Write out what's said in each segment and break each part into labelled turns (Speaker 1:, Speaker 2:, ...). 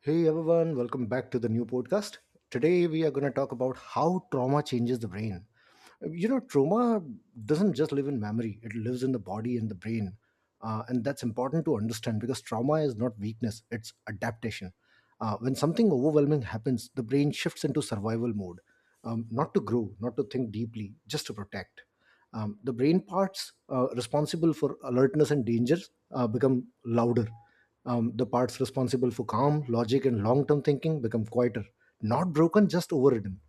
Speaker 1: Hey everyone, welcome back to the new podcast. Today we are going to talk about how trauma changes the brain. You know, trauma doesn't just live in memory, it lives in the body and the brain. And that's important to understand because trauma is not weakness, it's adaptation. When something overwhelming happens, the brain shifts into survival mode, not to grow, not to think deeply, just to protect. The brain parts responsible for alertness and danger become louder. The parts responsible for calm, logic, and long term thinking become quieter. Not broken, just overridden.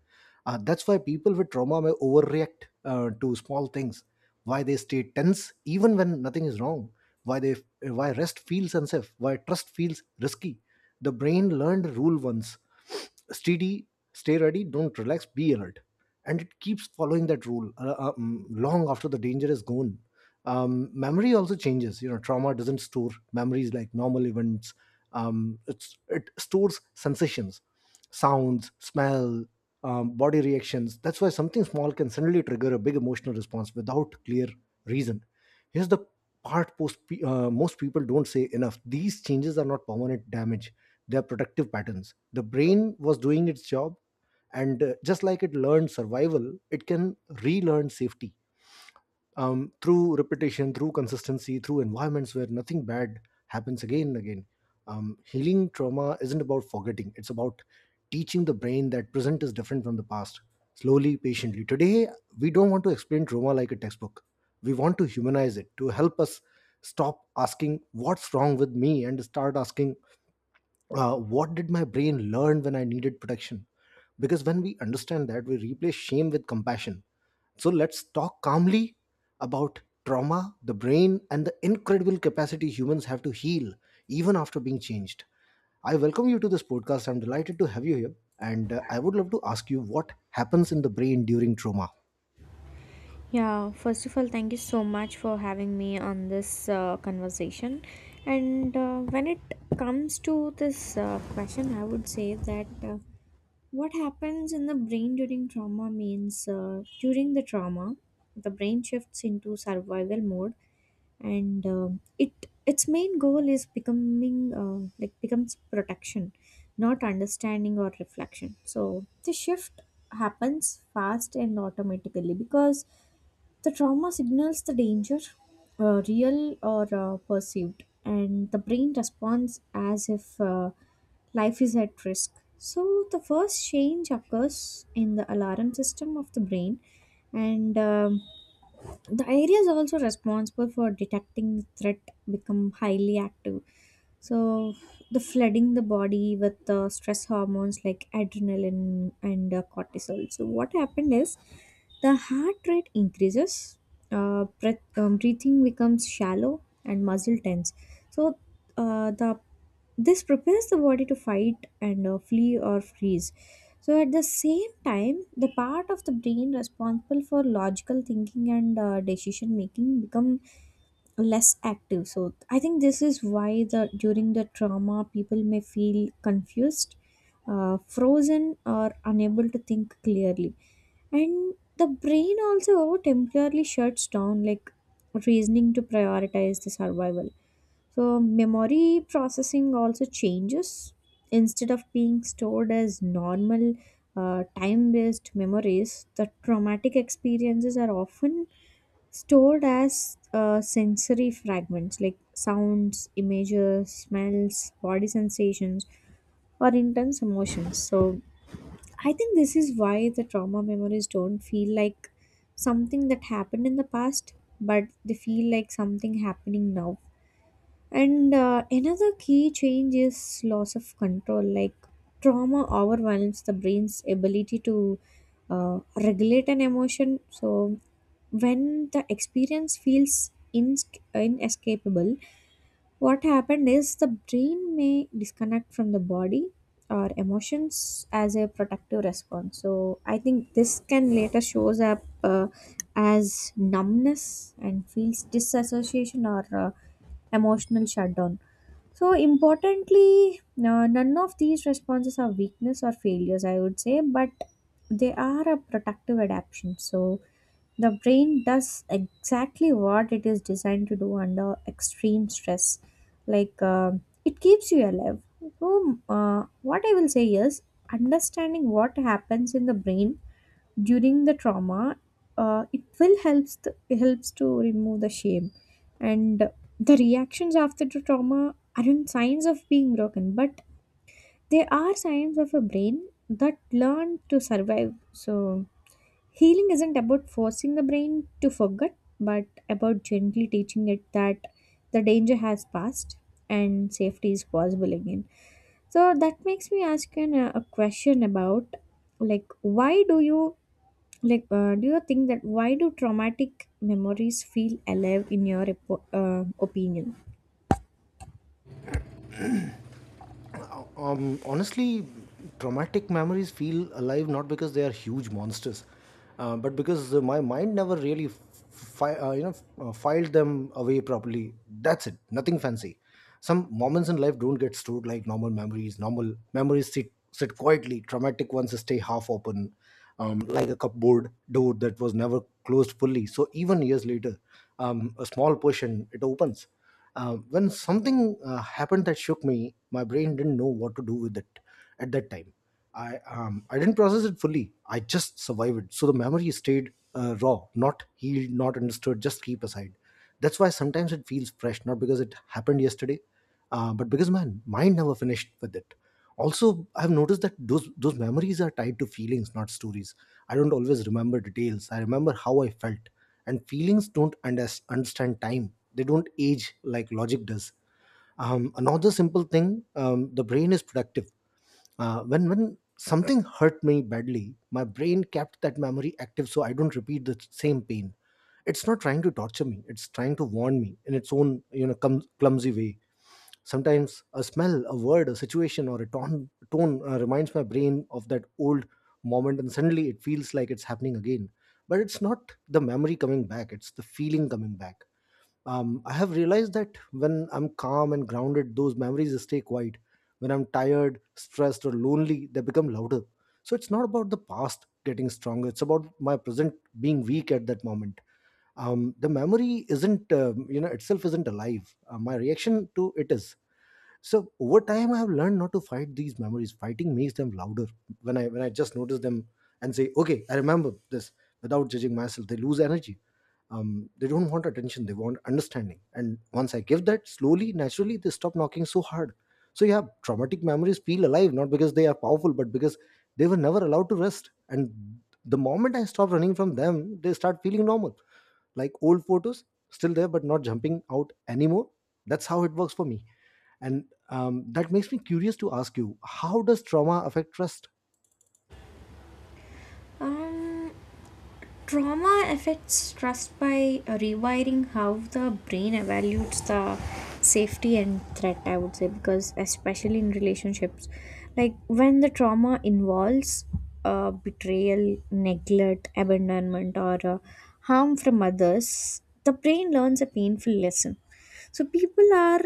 Speaker 1: That's why people with trauma may overreact to small things. Why they stay tense even when nothing is wrong. Why they why rest feels unsafe. Why trust feels risky. The brain learned rule once, steady, stay ready, don't relax, be alert. And it keeps following that rule long after the danger is gone. Memory also changes. You know, trauma doesn't store memories like normal events. It stores sensations, sounds, smell, body reactions. That's why something small can suddenly trigger a big emotional response without clear reason. Here's the part most people don't say enough. These changes are not permanent damage, they are protective patterns. The brain was doing its job, and just like it learned survival, it can relearn safety through repetition, through consistency, through environments where nothing bad happens again and again. Healing trauma isn't about forgetting, it's about teaching the brain that present is different from the past, slowly, patiently. Today, we don't want to explain trauma like a textbook. We want to humanize it to help us stop asking what's wrong with me and start asking what did my brain learn when I needed protection? Because when we understand that, we replace shame with compassion. So let's talk calmly about trauma, the brain, and the incredible capacity humans have to heal even after being changed. I welcome you to this podcast. I'm delighted to have you here, and I would love to ask you, what happens in the brain during trauma?
Speaker 2: Yeah, first of all, thank you so much for having me on this conversation. And when it comes to this question, I would say that what happens in the brain during trauma means during the trauma, the brain shifts into survival mode, and it its main goal is becoming becomes protection, not understanding or reflection. So the shift happens fast and automatically because the trauma signals the danger, real or perceived, and the brain responds as if life is at risk. So, the first change occurs in the alarm system of the brain, and the areas also responsible for detecting threat become highly active. So, the flooding the body with the stress hormones like adrenaline and cortisol. So, what happened is the heart rate increases, breathing becomes shallow, and muscle tense. So, the this prepares the body to fight and flee or freeze. So, at the same time, the part of the brain responsible for logical thinking and decision making become less active. So I think this is why the during the trauma people may feel confused, frozen, or unable to think clearly, and the brain also temporarily shuts down like reasoning to prioritize the survival. So memory processing also changes. Instead of being stored as normal time-based memories, the traumatic experiences are often stored as sensory fragments like sounds, images, smells, body sensations, or intense emotions. So, I think this is why the trauma memories don't feel like something that happened in the past, but they feel like something happening now. And another key change is loss of control. Like trauma overwhelms the brain's ability to regulate an emotion. So, when the experience feels inescapable, what happened is the brain may disconnect from the body or emotions as a protective response. So, I think this can later shows up as numbness and feels disassociation or emotional shutdown. So, importantly, none of these responses are weakness or failures, I would say, but they are a protective adaptation. So, the brain does exactly what it is designed to do under extreme stress. Like, it keeps you alive. So, what I will say is, understanding what happens in the brain during the trauma, it helps to remove the shame, and the reactions after the trauma aren't signs of being broken, but they are signs of a brain that learned to survive. So healing isn't about forcing the brain to forget, but about gently teaching it that the danger has passed and safety is possible again. So that makes me ask you a question about, like, why do you, do you think that why do traumatic memories feel alive in your opinion?
Speaker 1: Honestly, traumatic memories feel alive not because they are huge monsters, but because my mind never really, fi- uh, you know, filed them away properly. That's it. Nothing fancy. Some moments in life don't get stored like normal memories. Normal memories sit quietly. Traumatic ones stay half open, like a cupboard door that was never closed fully. So even years later, a small portion it opens. When something happened that shook me, my brain didn't know what to do with it at that time. I didn't process it fully. I just survived it. So the memory stayed raw, not healed, not understood, just keep aside. That's why sometimes it feels fresh, not because it happened yesterday, but because my mind never finished with it. Also, I've noticed that those memories are tied to feelings, not stories. I don't always remember details, I remember how I felt. And feelings don't understand time, they don't age like logic does. Another simple thing, the brain is productive. When something hurt me badly, my brain kept that memory active so I don't repeat the same pain. It's not trying to torture me, it's trying to warn me in its own, you know, clumsy way. Sometimes a smell, a word, a situation, or a tone reminds my brain of that old moment, and suddenly it feels like it's happening again. But it's not the memory coming back, it's the feeling coming back. I have realized that when I'm calm and grounded, those memories stay quiet. When I'm tired, stressed, or lonely, they become louder. So it's not about the past getting stronger, it's about my present being weak at that moment. The memory isn't, itself isn't alive. My reaction to it is. So over time I have learned not to fight these memories. Fighting makes them louder. When I just notice them and say okay, I remember this, without judging myself, they lose energy. They don't want attention, they want understanding, and once I give that, slowly, naturally, they stop knocking so hard. So yeah, traumatic memories feel alive not because they are powerful, but because they were never allowed to rest. And the moment I stop running from them, they start feeling normal, like old photos, still there but not jumping out anymore. That's how it works for me. And that makes me curious to ask you, how does trauma affect trust?
Speaker 2: Um, trauma affects trust by rewiring how the brain evaluates the safety and threat, I would say, because especially in relationships, like when the trauma involves betrayal, neglect, abandonment, or harm from others, the brain learns a painful lesson. So people are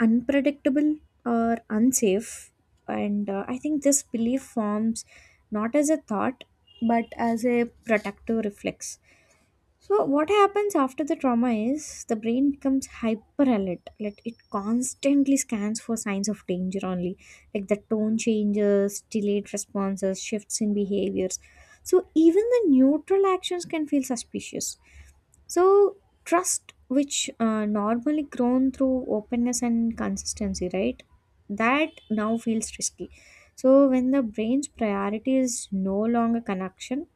Speaker 2: unpredictable or unsafe, and I think this belief forms not as a thought but as a protective reflex. So what happens after the trauma is the brain becomes hyper alert. Like it constantly scans for signs of danger only. Like the tone changes, delayed responses, shifts in behaviors. So even the neutral actions can feel suspicious. So, trust, which normally grown through openness and consistency, right? That now feels risky. So, when the brain's priority is no longer connection,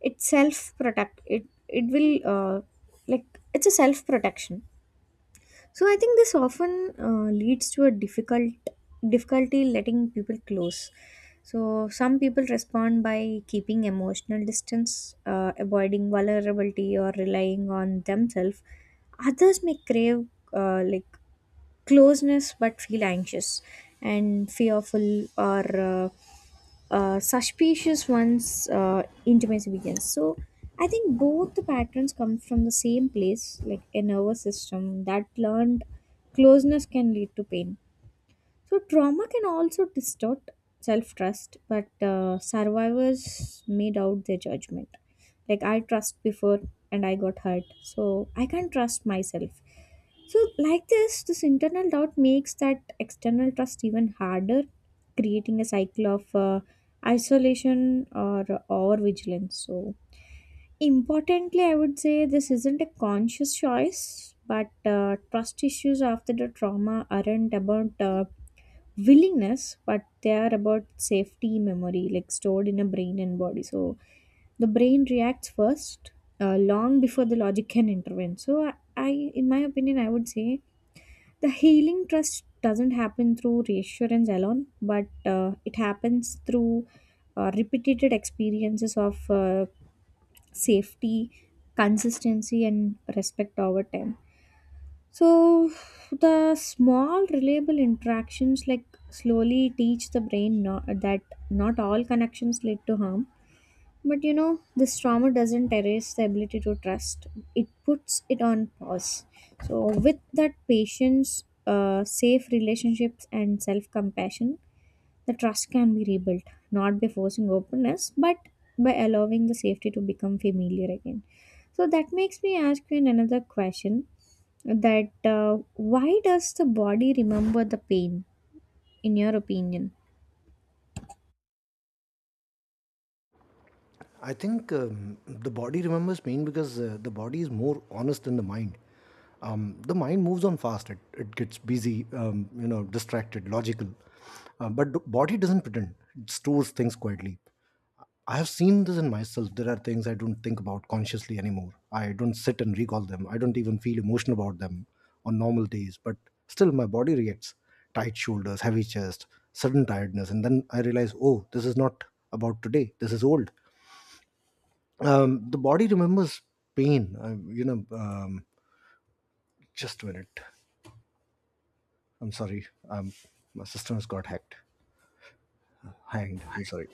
Speaker 2: it's self protect. It will, like it's a self protection. So I think this often leads to a difficulty letting people close. So some people respond by keeping emotional distance, avoiding vulnerability or relying on themselves. Others may crave, uh, like closeness, but feel anxious and fearful, or uh, suspicious one's intimacy begins. So I think both the patterns come from the same place, like a nervous system that learned closeness can lead to pain. So trauma can also distort self trust, but survivors may doubt their judgment. Like I trust before and I got hurt, so I can't trust myself. So, this internal doubt makes that external trust even harder, creating a cycle of isolation or over vigilance. So, importantly, I would say this isn't a conscious choice, but trust issues after the trauma aren't about willingness, but they are about safety memory, like stored in a brain and body. So, the brain reacts first. Long before the logic can intervene. So I in my opinion I would say the healing trust doesn't happen through reassurance alone, but it happens through repeated experiences of safety, consistency, and respect over time. So, the small, reliable interactions like slowly teach the brain not, that not all connections lead to harm, but you know, this trauma doesn't erase the ability to trust. It puts it on pause. So, with that patience, safe relationships, and self compassion, the trust can be rebuilt, not by forcing openness, but by allowing the safety to become familiar again. So, that makes me ask you another question, that why does the body remember the pain, in your opinion?
Speaker 1: I think the body remembers pain because the body is more honest than the mind. The mind moves on fast; it gets busy, you know, distracted, logical. But the body doesn't pretend; it stores things quietly. I have seen this in myself. There are things I don't think about consciously anymore. I don't sit and recall them. I don't even feel emotion about them on normal days. But still, my body reacts: tight shoulders, heavy chest, sudden tiredness, and then I realize, oh, this is not about today. This is old. The body remembers pain. Just a minute. I'm sorry. My system has got hacked, hanged. I'm sorry.